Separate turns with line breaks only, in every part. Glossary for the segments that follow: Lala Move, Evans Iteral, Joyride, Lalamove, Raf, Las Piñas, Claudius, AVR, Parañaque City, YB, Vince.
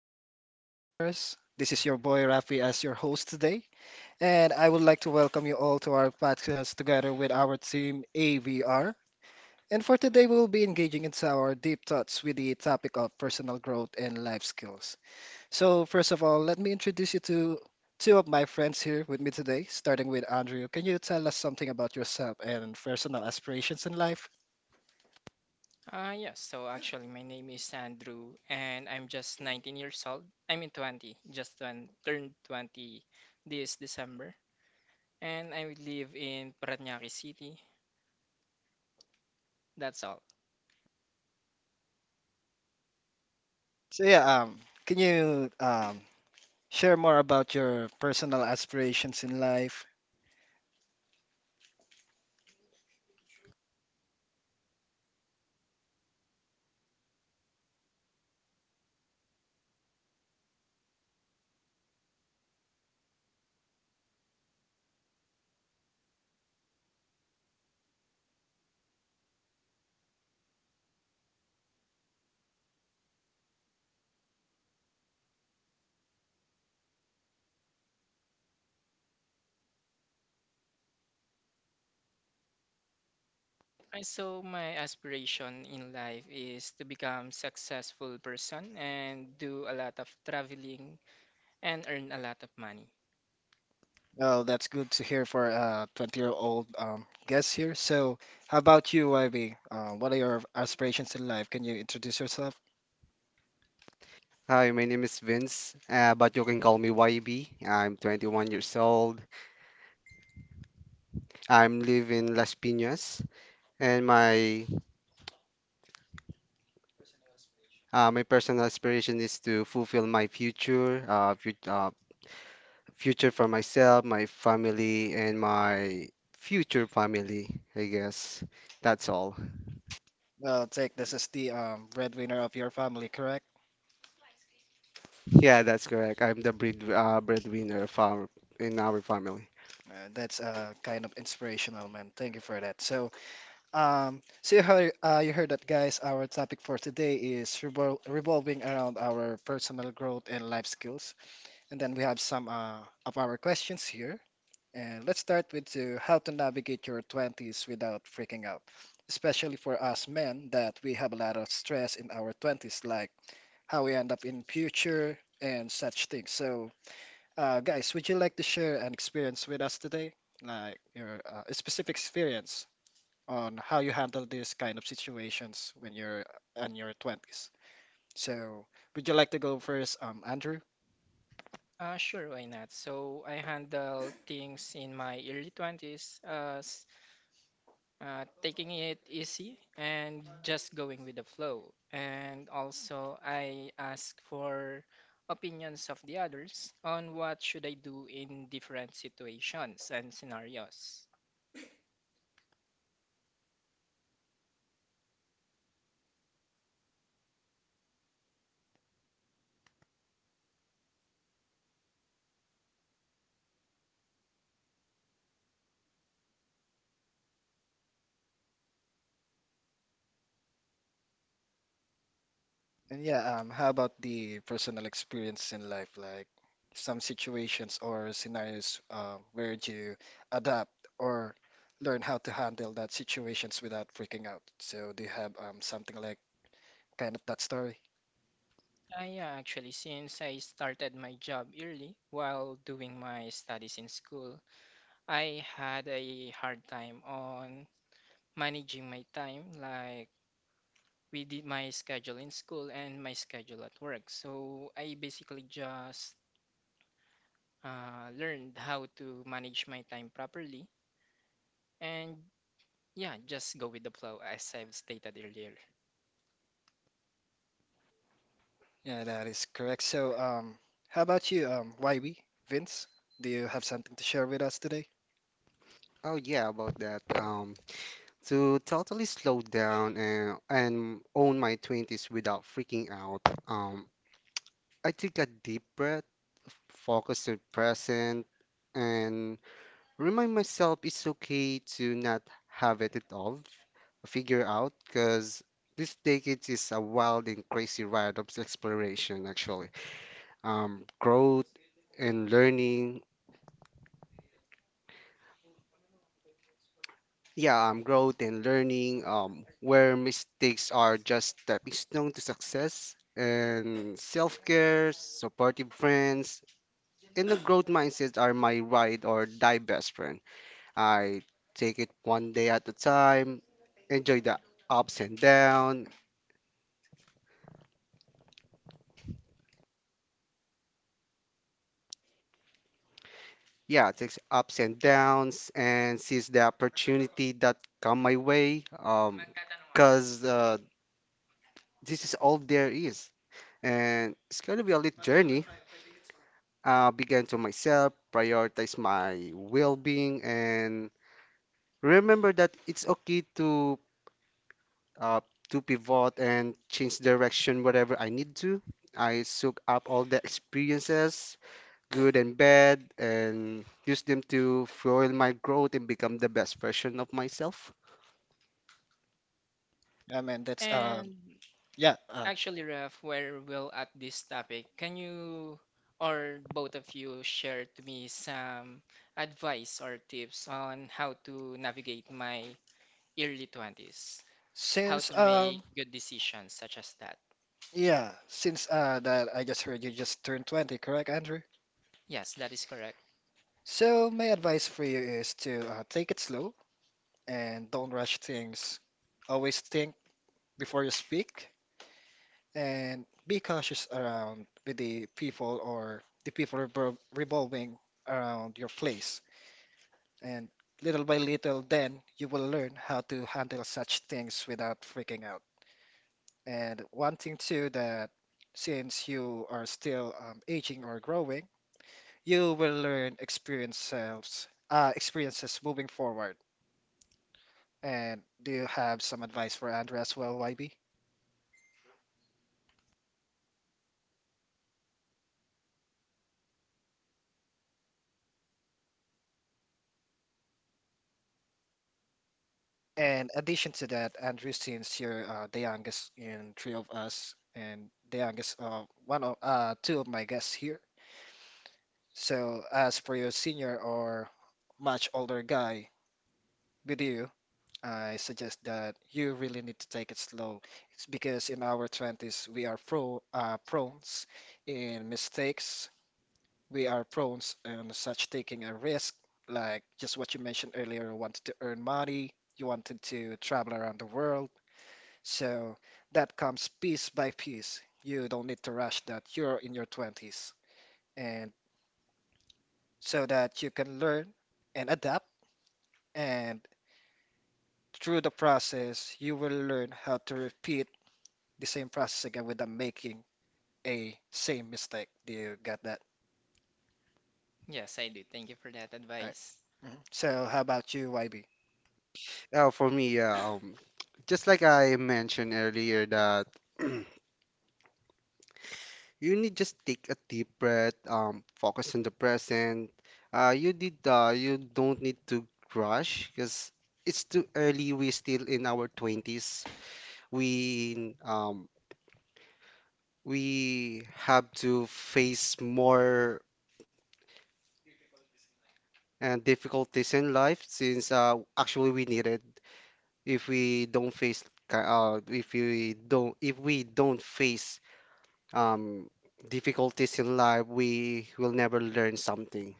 especially to our listeners. This is your boy Rafi as your host today, and I would like to welcome you all to our podcast together with our team AVR. And for today, we will be engaging into our deep thoughts with the topic of personal growth and life skills. So, first of all, let me introduce you to two of my friends here with me today, starting with Andrew. Can you tell us something about yourself and personal aspirations in life?
Yes, so actually, my name is Andrew, and I'm just 19 years old. I mean, 20, just turned 20 this December. And I live in Parañaque City. That's all.
So, yeah, can you share more about your personal aspirations in life.
And so, my aspiration in life is to become successful person and do a lot of traveling and earn a lot of money.
Oh, that's good to hear for a 20-year-old guest here. So, how about you, YB? What are your aspirations in life? Can you introduce yourself?
Hi, my name is Vince, but you can call me YB. I'm 21 years old. I'm living in Las Piñas, and my personal aspiration is to fulfill my future, future for myself, my family, and my future family. I guess that's all.
Well, take this is the breadwinner of your family, correct?
Yeah, that's correct. I'm the breadwinner of our in our family.
That's kind of inspirational, man. Thank you for that. So you heard, that, guys. Our topic for today is revolving around our personal growth and life skills. And then we have some of our questions here. And let's start with to how to navigate your 20s without freaking out. Especially for us men that we have a lot of stress in our 20s like how we end up in future and such things. So, guys, would you like to share an experience with us today? Like your specific experience on how you handle these kind of situations when you're in your 20s. So, would you like to go first, Andrew?
Sure, why not? So I handle things in my early 20s. Taking it easy and just going with the flow. And also, I ask for opinions of the others on what should I do in different situations and scenarios.
And yeah, how about the personal experience in life, like some situations or scenarios where you adapt or learn how to handle that situations without freaking out? So do you have something like kind of that story?
Actually, since I started my job early while doing my studies in school, I had a hard time on managing my time, like we did my schedule in school and my schedule at work. So I basically just learned how to manage my time properly, and yeah, just go with the flow as I've stated earlier.
Yeah, that is correct. So how about you, YB, Vince? Do you have something to share with us today?
Oh yeah, about that. To totally slow down and own my 20s without freaking out, um, I take a deep breath, focus on present, and remind myself it's okay to not have it at all, figure out, because this decade is a wild and crazy ride of exploration, actually. Um, growth and learning yeah, Growth and learning, where mistakes are just stepping stone to success, and self-care, supportive friends, and the growth mindset are my ride or die best friend. I take it one day at a time, enjoy the ups and downs. Yeah, takes ups and downs and seize the opportunity that come my way. Cause This is all there is, and it's gonna be a little journey. Be kind to myself, prioritize my well-being, and remember that it's okay uh, to pivot and change direction whatever I need to. I soak up all the experiences, good and bad, and use them to fuel my growth and become the best version of myself.
I mean, that's
And
yeah.
actually, Raf, we're well at this topic. Can you or both of you share to me some advice or tips on how to navigate my early 20s? How
Since
to
um.
make good decisions such as that?
Yeah, since that I just heard you just turned 20, correct, Andrew?
Yes, that is correct.
So my advice for you is to take it slow and don't rush things. Always think before you speak and be cautious around with the people or the people revolving around your place. And little by little, then you will learn how to handle such things without freaking out. And one thing too that since you are still aging or growing, you will learn experiences, moving forward. And do you have some advice for Andrew as well, YB? And addition to that, Andrew, since you're the youngest in three of us, and the youngest of one of two of my guests here. So as for your senior or much older guy with you, I suggest that you really need to take it slow. It's because in our 20s we are prones in mistakes, we are prone and such taking a risk, like just what you mentioned earlier, you wanted to earn money, you wanted to travel around the world. So that comes piece by piece. You don't need to rush that. You're in your 20s, and so that you can learn and adapt. And through the process, you will learn how to repeat the same process again without making a same mistake. Do you get that?
Yes, I do. Thank you for that
All right.
advice.
Mhm. So how about you, YB?
For me, yeah, just like I mentioned earlier, that you need just take a deep breath, focus on the present. You don't need to rush because it's too early. We're still in our 20s. We um, we have to face more difficulties in life since actually we need it. If we don't if we don't face um, difficulties in life, we will never learn something.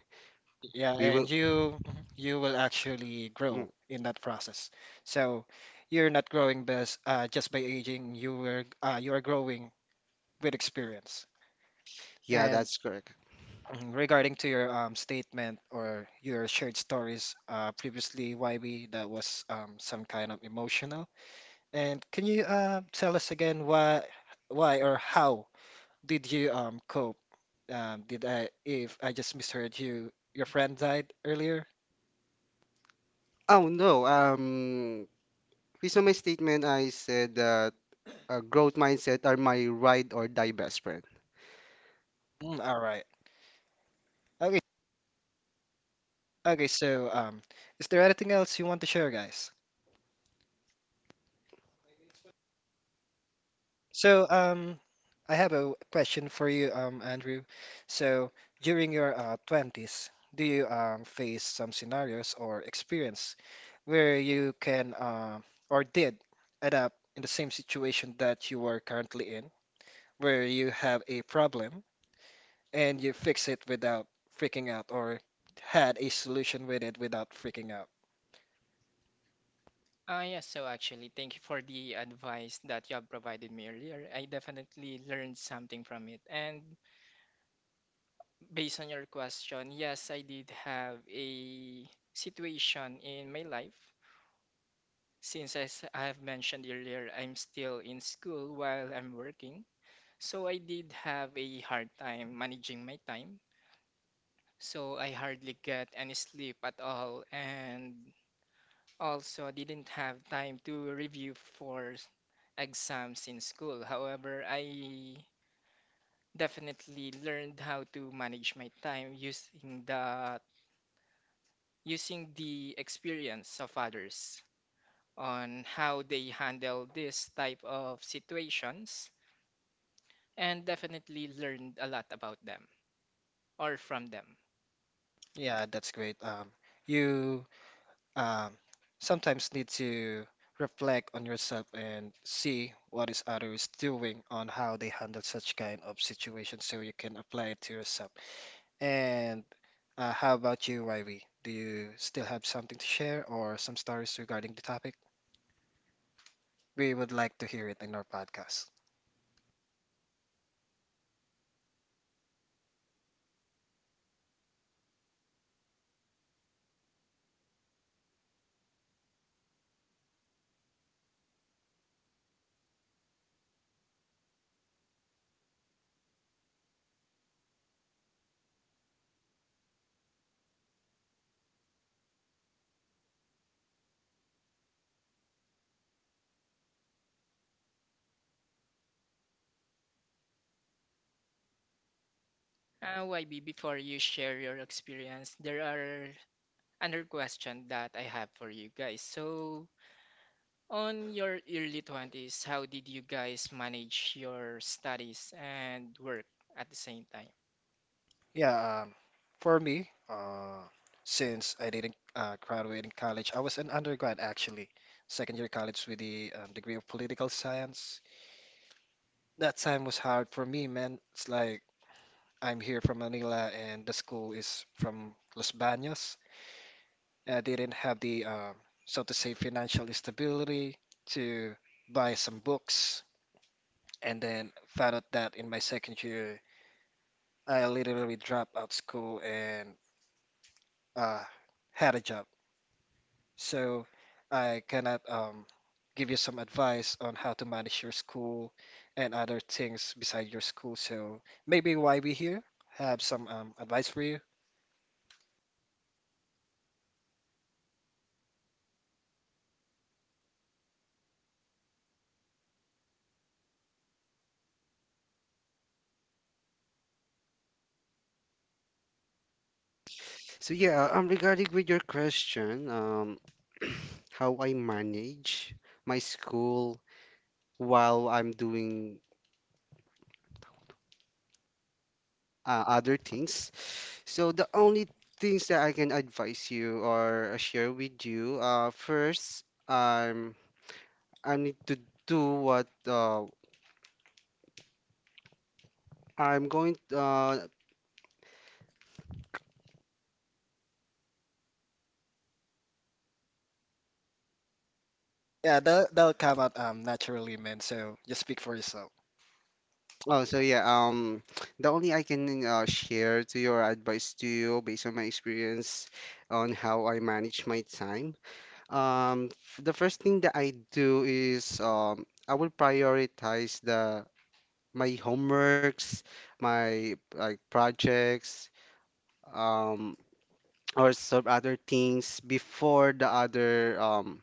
Yeah,
We will.
and you will actually grow
Mm,
in that process. So you're not growing best just by aging. You are growing with experience.
yeah,
And
that's correct.
mhm, regarding to your statement or your shared stories previously, YB, that was some kind of emotional. And can you tell us again why or how did you cope? Did I if I just misheard you, your friend died earlier?
Oh no, based on my statement, I said that growth mindset are my ride or die best friend.
Mm, all right. Okay, Okay, so is there anything else you want to share, guys? So I have a question for you, Andrew. So during your 20s, do you face some scenarios or experience where you can or did end up in the same situation that you are currently in, where you have a problem and you fix it without freaking out, or had a solution with it without freaking out?
Yes, so actually, thank you for the advice that you have provided me earlier. I definitely learned something from it. And based on your question, yes, I did have a situation in my life. Since as I have mentioned earlier, I'm still in school while I'm working. So I did have a hard time managing my time. So I hardly get any sleep at all. And also, didn't have time to review for exams in school. However, I definitely learned how to manage my time using the experience of others on how they handle this type of situations and definitely learned a lot about them or from them.
Yeah, that's great. You um, sometimes need to reflect on yourself and see what is others doing on how they handle such kind of situation so you can apply it to yourself. And how about you, Yv? Do you still have something to share or some stories regarding the topic? We would like to hear it in our podcast.
YB, before you share your experience, there are another question that I have for you guys. So, on your early 20s, how did you guys manage your studies and work at the same time?
Yeah, for me, since I didn't graduate in college, I was an undergrad actually, second year college with the degree of political science. That time was hard for me, man. It's like I'm here from Manila and the school is from Los Baños. And I didn't have the, so to say, financial stability to buy some books. And then found out that in my second year, I literally dropped out school and uh, had a job. So I cannot give you some advice on how to manage your school and other things beside your school. So maybe why we here have some advice for you.
So yeah, regarding with your question, how I manage my school while I'm doing other things. So the only things that I can advise you or share with you, first, um, I need to do what I'm going.
Yeah, that'll come out naturally, man. So just speak for yourself.
Oh, so yeah, the only I can share to your advice to you based on my experience on how I manage my time. The first thing that I do is I will prioritize the my homeworks, my like projects, um, or some other things before the other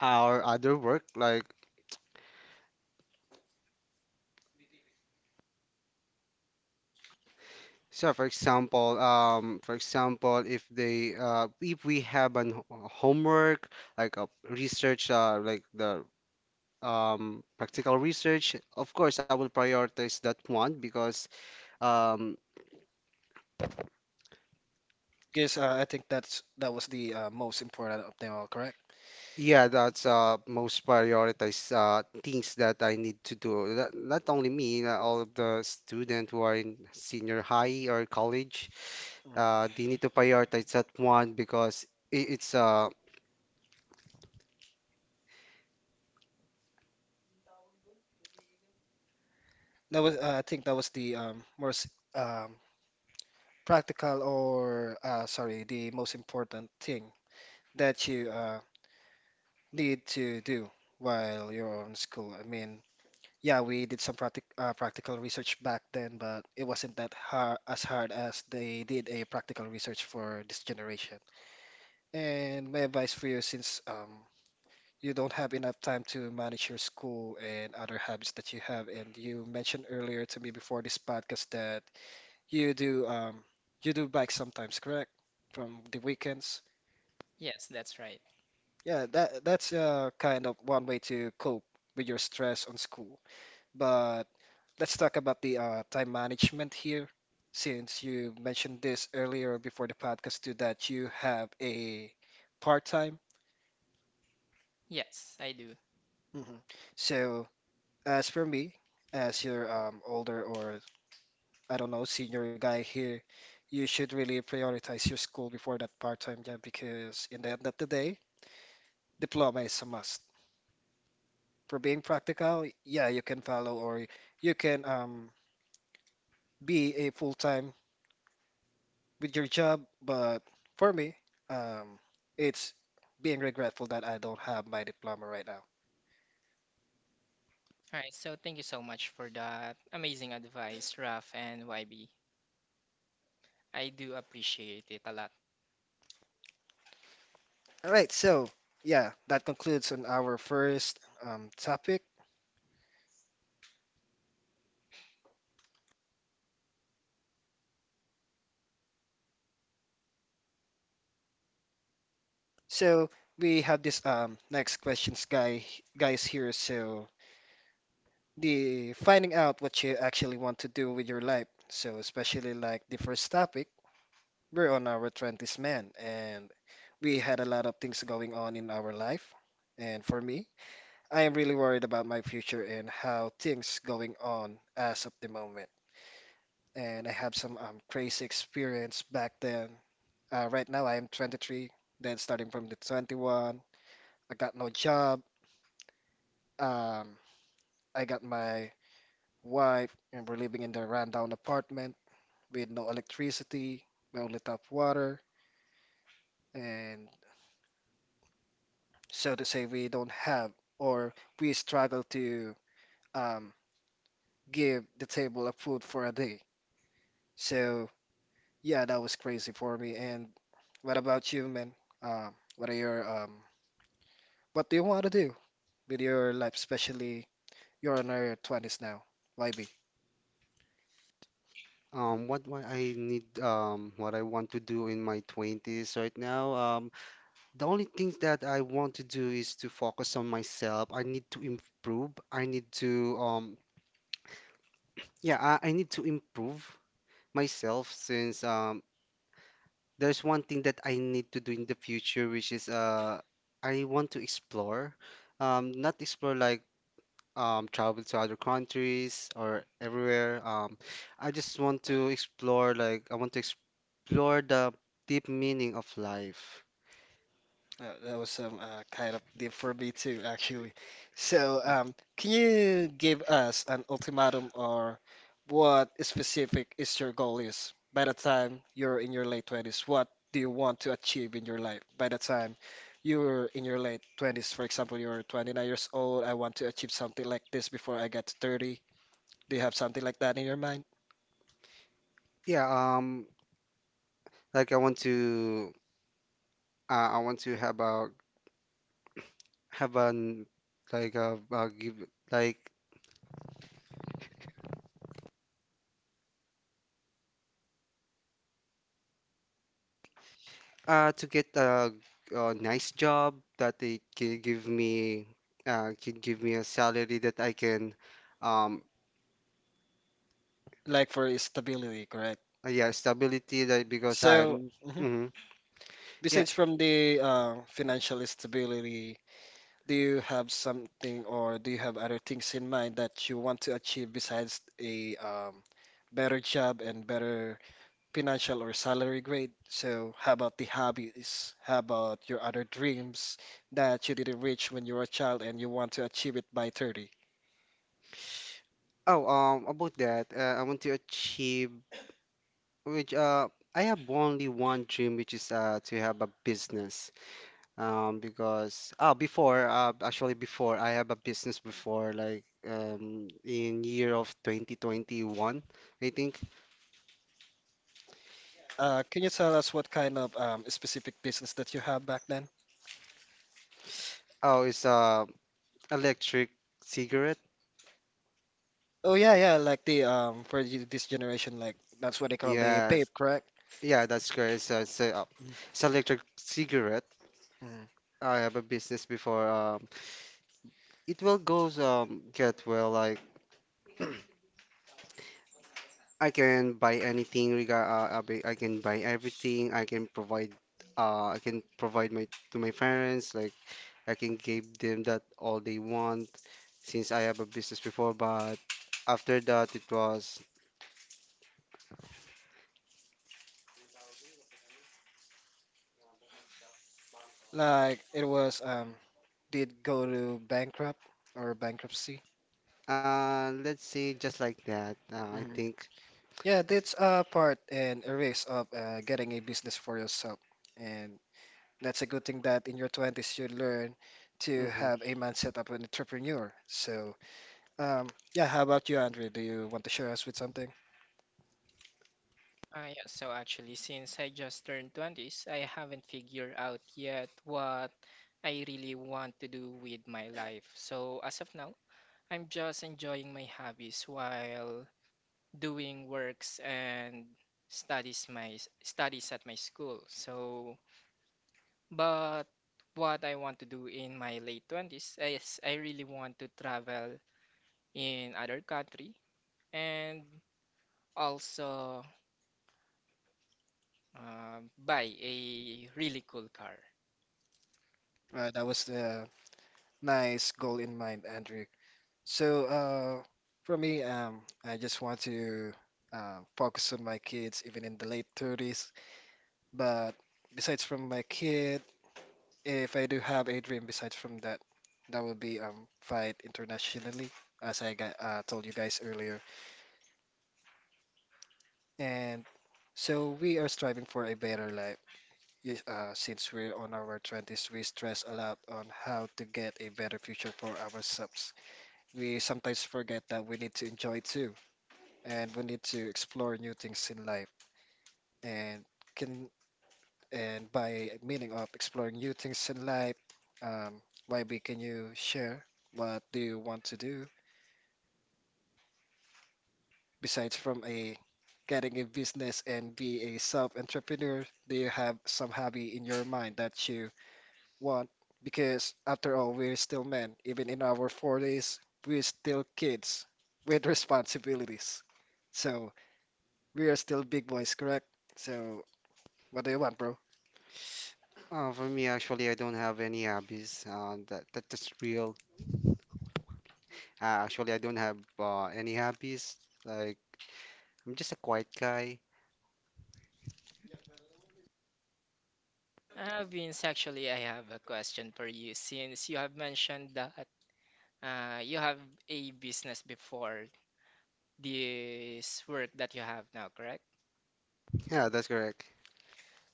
our other work like. So for example, if we have an homework like a research like the practical research, of course I will prioritize that one because um,
Because I think that was the most important of them all, correct?
yeah, that's most prioritized things that I need to do. That, not only me, all of the students who are in senior high or college,
Mhm.
they need to prioritize that one because it's
That was I think that was the most um, practical or sorry, the most important thing that you need to do while you're on school. I mean, yeah, we did some practical research back then, but it wasn't that hard as they did a practical research for this generation. And my advice for you, since you don't have enough time to manage your school and other habits that you have, and you mentioned earlier to me before this podcast that you do um, you do bike sometimes, correct? From the weekends.
Yes, that's right.
Yeah, that's kind of one way to cope with your stress on school. But let's talk about the time management here, since you mentioned this earlier before the podcast too, that you have a part-time.
Yes, I do.
hmm So as for me, as your older or I don't know senior guy here, you should really prioritize your school before that part-time job because in the end of the day, diploma is a must. For being practical, yeah, you can follow or you can be a full-time with your job, but for me, um, it's being regretful that I don't have my diploma right now.
All right, so thank you so much for that amazing advice, Raf and YB. I do appreciate it a lot.
All right, so yeah, that concludes on our first topic. So we have this next questions guys here. So the finding out what you actually want to do with your life. So especially like the first topic, we're on our 20s man, and we had a lot of things going on in our life. And for me, I am really worried about my future and how things going on as of the moment. And I have some crazy experience back then. Right now I am 23, then starting from the 21, I got no job. Um, I got my wife and we're living in the rundown apartment with no electricity, no lit up water, and so to say we don't have or we struggle to um, give the table of food for a day. So yeah, that was crazy for me. And what about you, man? Um, what are your um, what do you want to do with your life, especially you're in your 20s now? YB?
um, what I need, what I want to do in my 20s right now, the only things that I want to do is to focus on myself. I need to improve. I need to, I need to improve myself since, there's one thing that I need to do in the future, which is, I want to explore. Not explore like travel to other countries or everywhere. I just want to explore, like, I want to explore the deep meaning of life.
That was some kind of deep for me too, actually. So, can you give us an ultimatum or what specific is your goal is by the time you're in your late 20s? What do you want to achieve in your life by the time you're in your late 20s? For example, you're 29 years old. I want to achieve something like this before I get to 30. Do you have something like that in your mind?
Yeah, like I want to have an like a give like to get a nice job that they can give me a salary that I can um
Like for stability, correct?
yeah stability that because
So,
I'm
mhm.
mhm. Yeah,
Besides from the financial stability, do you have something or do you have other things in mind that you want to achieve besides a better job and better financial or salary grade? So, how about the hobbies? How about your other dreams that you didn't reach when you were a child and you want to achieve it by 30?
oh, about that, I want to achieve which I have only one dream, which is to have a business. Because oh before Actually before I have a business before like in year of 2021, I think.
Can you tell us what kind of specific business that you have back then?
Oh, it's electric cigarette.
Oh yeah, yeah, like the this generation, like that's what they call the
Yes,
vape, correct?
yeah, that's correct. It's electric cigarette.
Mm.
I have a business before. It will goes Get well like. I can buy anything I can buy everything. I can provide my to my parents like I can give them that all they want since I have a business before but after that it was
Like it was did go to bankrupt or bankruptcy.
let's say just like that I
hmm
think.
Yeah, that's a part and a risk of getting a business for yourself. And that's a good thing that in your 20s you learn to
Hmm.
have a mindset of an entrepreneur. So, yeah, how about you, Andrew? Do you want to share us with something?
Ah, yeah, so actually, since I just turned 20s, I haven't figured out yet what I really want to do with my life. So as of now, I'm just enjoying my hobbies while doing works and studies my studies at my school. So, but what I want to do in my late 20s is I really want to travel in other country and also buy a really cool car.
That was the nice goal in mind, Andrew. So, for me, I just want to focus on my kids even in the late 30s. But besides from my kid, if I do have a dream besides from that, that will be fight internationally, as I got, told you guys earlier. And so we are striving for a better life. Yes, since we're on our 20s, we stress a lot on how to get a better future for ourselves. We sometimes forget that we need to enjoy too. And we need to explore new things in life. And can and by meaning of exploring new things in life, um, maybe can you share what do you want to do besides from a getting a business and be a self-entrepreneur? Do you have some hobby in your mind that you want? Because after all, we're still men. Even in our 40s, we're still kids with responsibilities. So we are still big boys, correct? So what do you want, bro?
For me actually I don't have any that's real actually I don't have any hobbies like I'm just a quiet guy.
Vince, actually, I have a question for you since you have mentioned that you have a business before this work that you have now, correct?
Yeah, that's correct.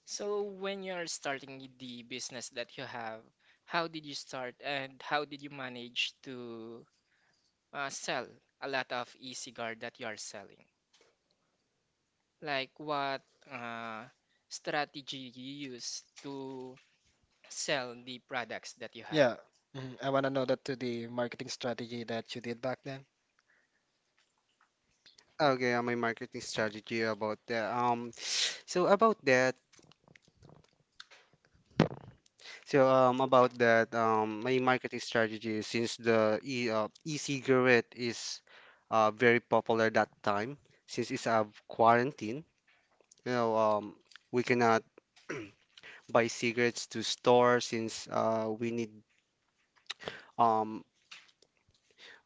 So, when you're starting the business that you have, how did you start and how did you manage to sell a lot of e-cigar that you are selling? Like, what uh, strategy you use to sell the products that you have?
Yeah, mhm. I want to know that to the marketing strategy that you did back then.
Okay, my marketing strategy about that. So about that, so about that, my marketing strategy is since the e e-cigarette is very popular that time, since it's a quarantine, you know, we cannot buy cigarettes to store since um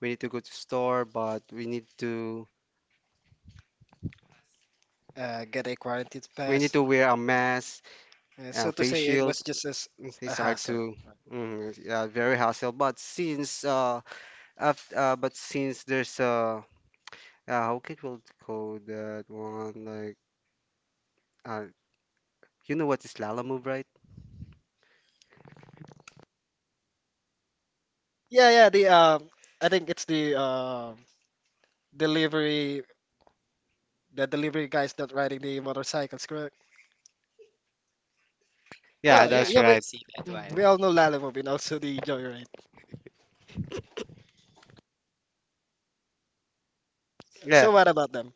we need to go to store, but
Get a quarantine
we need
pass.
to wear a mask,
Uh,
a
so to
face
say, it
shield.
was just as a
It's hard
hassle.
to,
Right.
mm, yeah, very hassle. But but since there's how can we call that one? Like uh, you know what is Lala move, right?
Yeah, yeah. The I think it's the delivery, the delivery guys that riding the motorcycles, correct?
Oh,
Yeah,
Yeah,
yeah,
y-
that's
I
yeah. We
do
right.
see that
mm, we
one.
all know Lalamove and also the Joyride.
Yeah.
So what about them?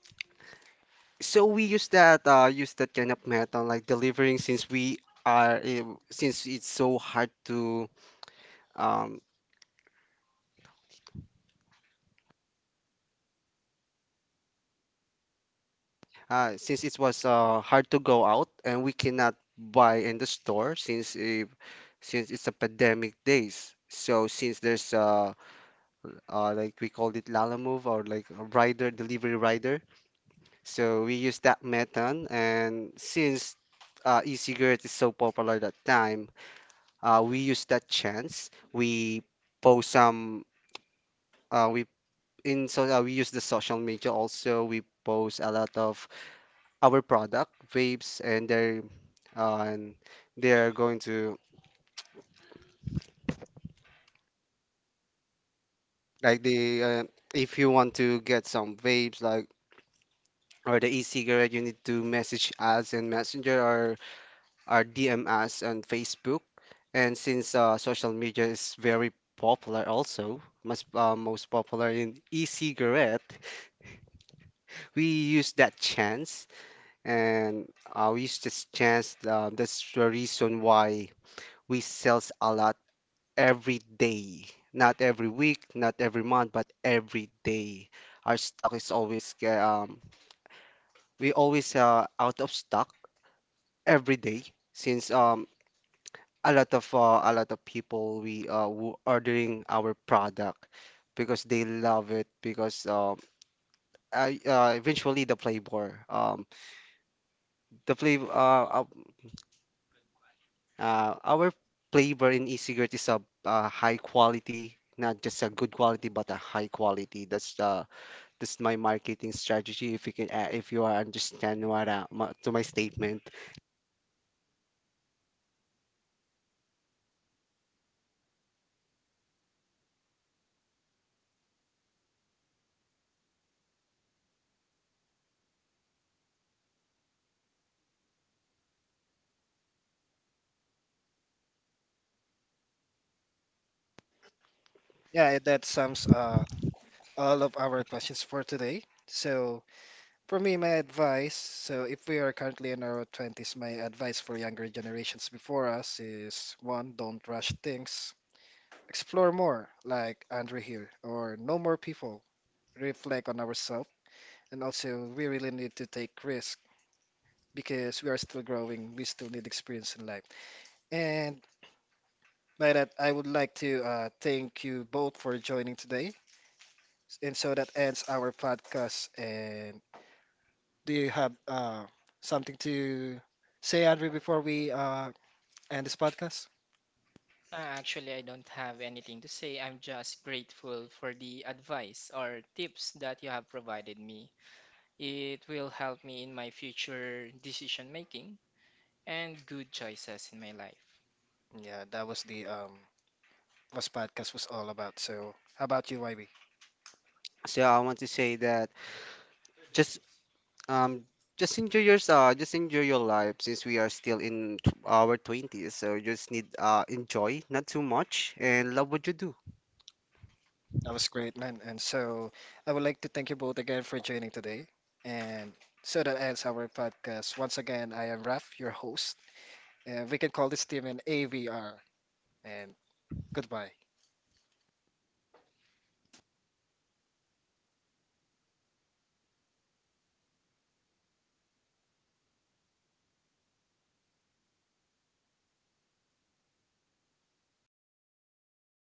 So we use that kind of method like delivering since we are since it's so hard to um since it was hard to go out and we cannot buy in the store since if since it's a pandemic days. So since there's like we called it Lala Move or like a rider, delivery rider. So we use that method, and since e-cigarette is so popular that time, we use that chance. We post some, we in so we use the social media also. We post a lot of our product vapes, and uh, and they're going to like the if you want to get some vapes like or the e-cigarette, you need to message us in Messenger or DM us on Facebook. And since social media is very popular also, most popular in e-cigarette, we use that chance and we use this chance. That's the reason why we sells a lot every day. Not every week, not every month, but every day. Our stock is always, we always out of stock every day since a lot of people we who ordering our product because they love it because eventually the flavor our flavor in e-cigarette is a high quality not just a good quality but a high quality that's my marketing strategy if you can if you are understand what to my statement.
Yeah, that sums all of our questions for today. So for me, my advice, so if we are currently in our 20s, my advice for younger generations before us is one, don't rush things. Explore more, like Andrew here, or know more people, reflect on ourselves, and also we really need to take risk because we are still growing, we still need experience in life. And by that, I would like to thank you both for joining today. And so that ends our podcast. And do you have something to say, Andre, before we end this podcast?
Actually, I don't have anything to say. I'm just grateful for the advice or tips that you have provided me. It will help me in my future decision making and good choices in my life.
Yeah, that was podcast was all about. So, how about you, YB?
So I want to say that just Um, just enjoy your life since we are still in our 20s. So you just need enjoy, not too much, and love what you do.
That was great, man. And so, I would like to thank you both again for joining today. And so that ends our podcast. Once again, I am Raf, your host, and we can call this team an AVR. And goodbye.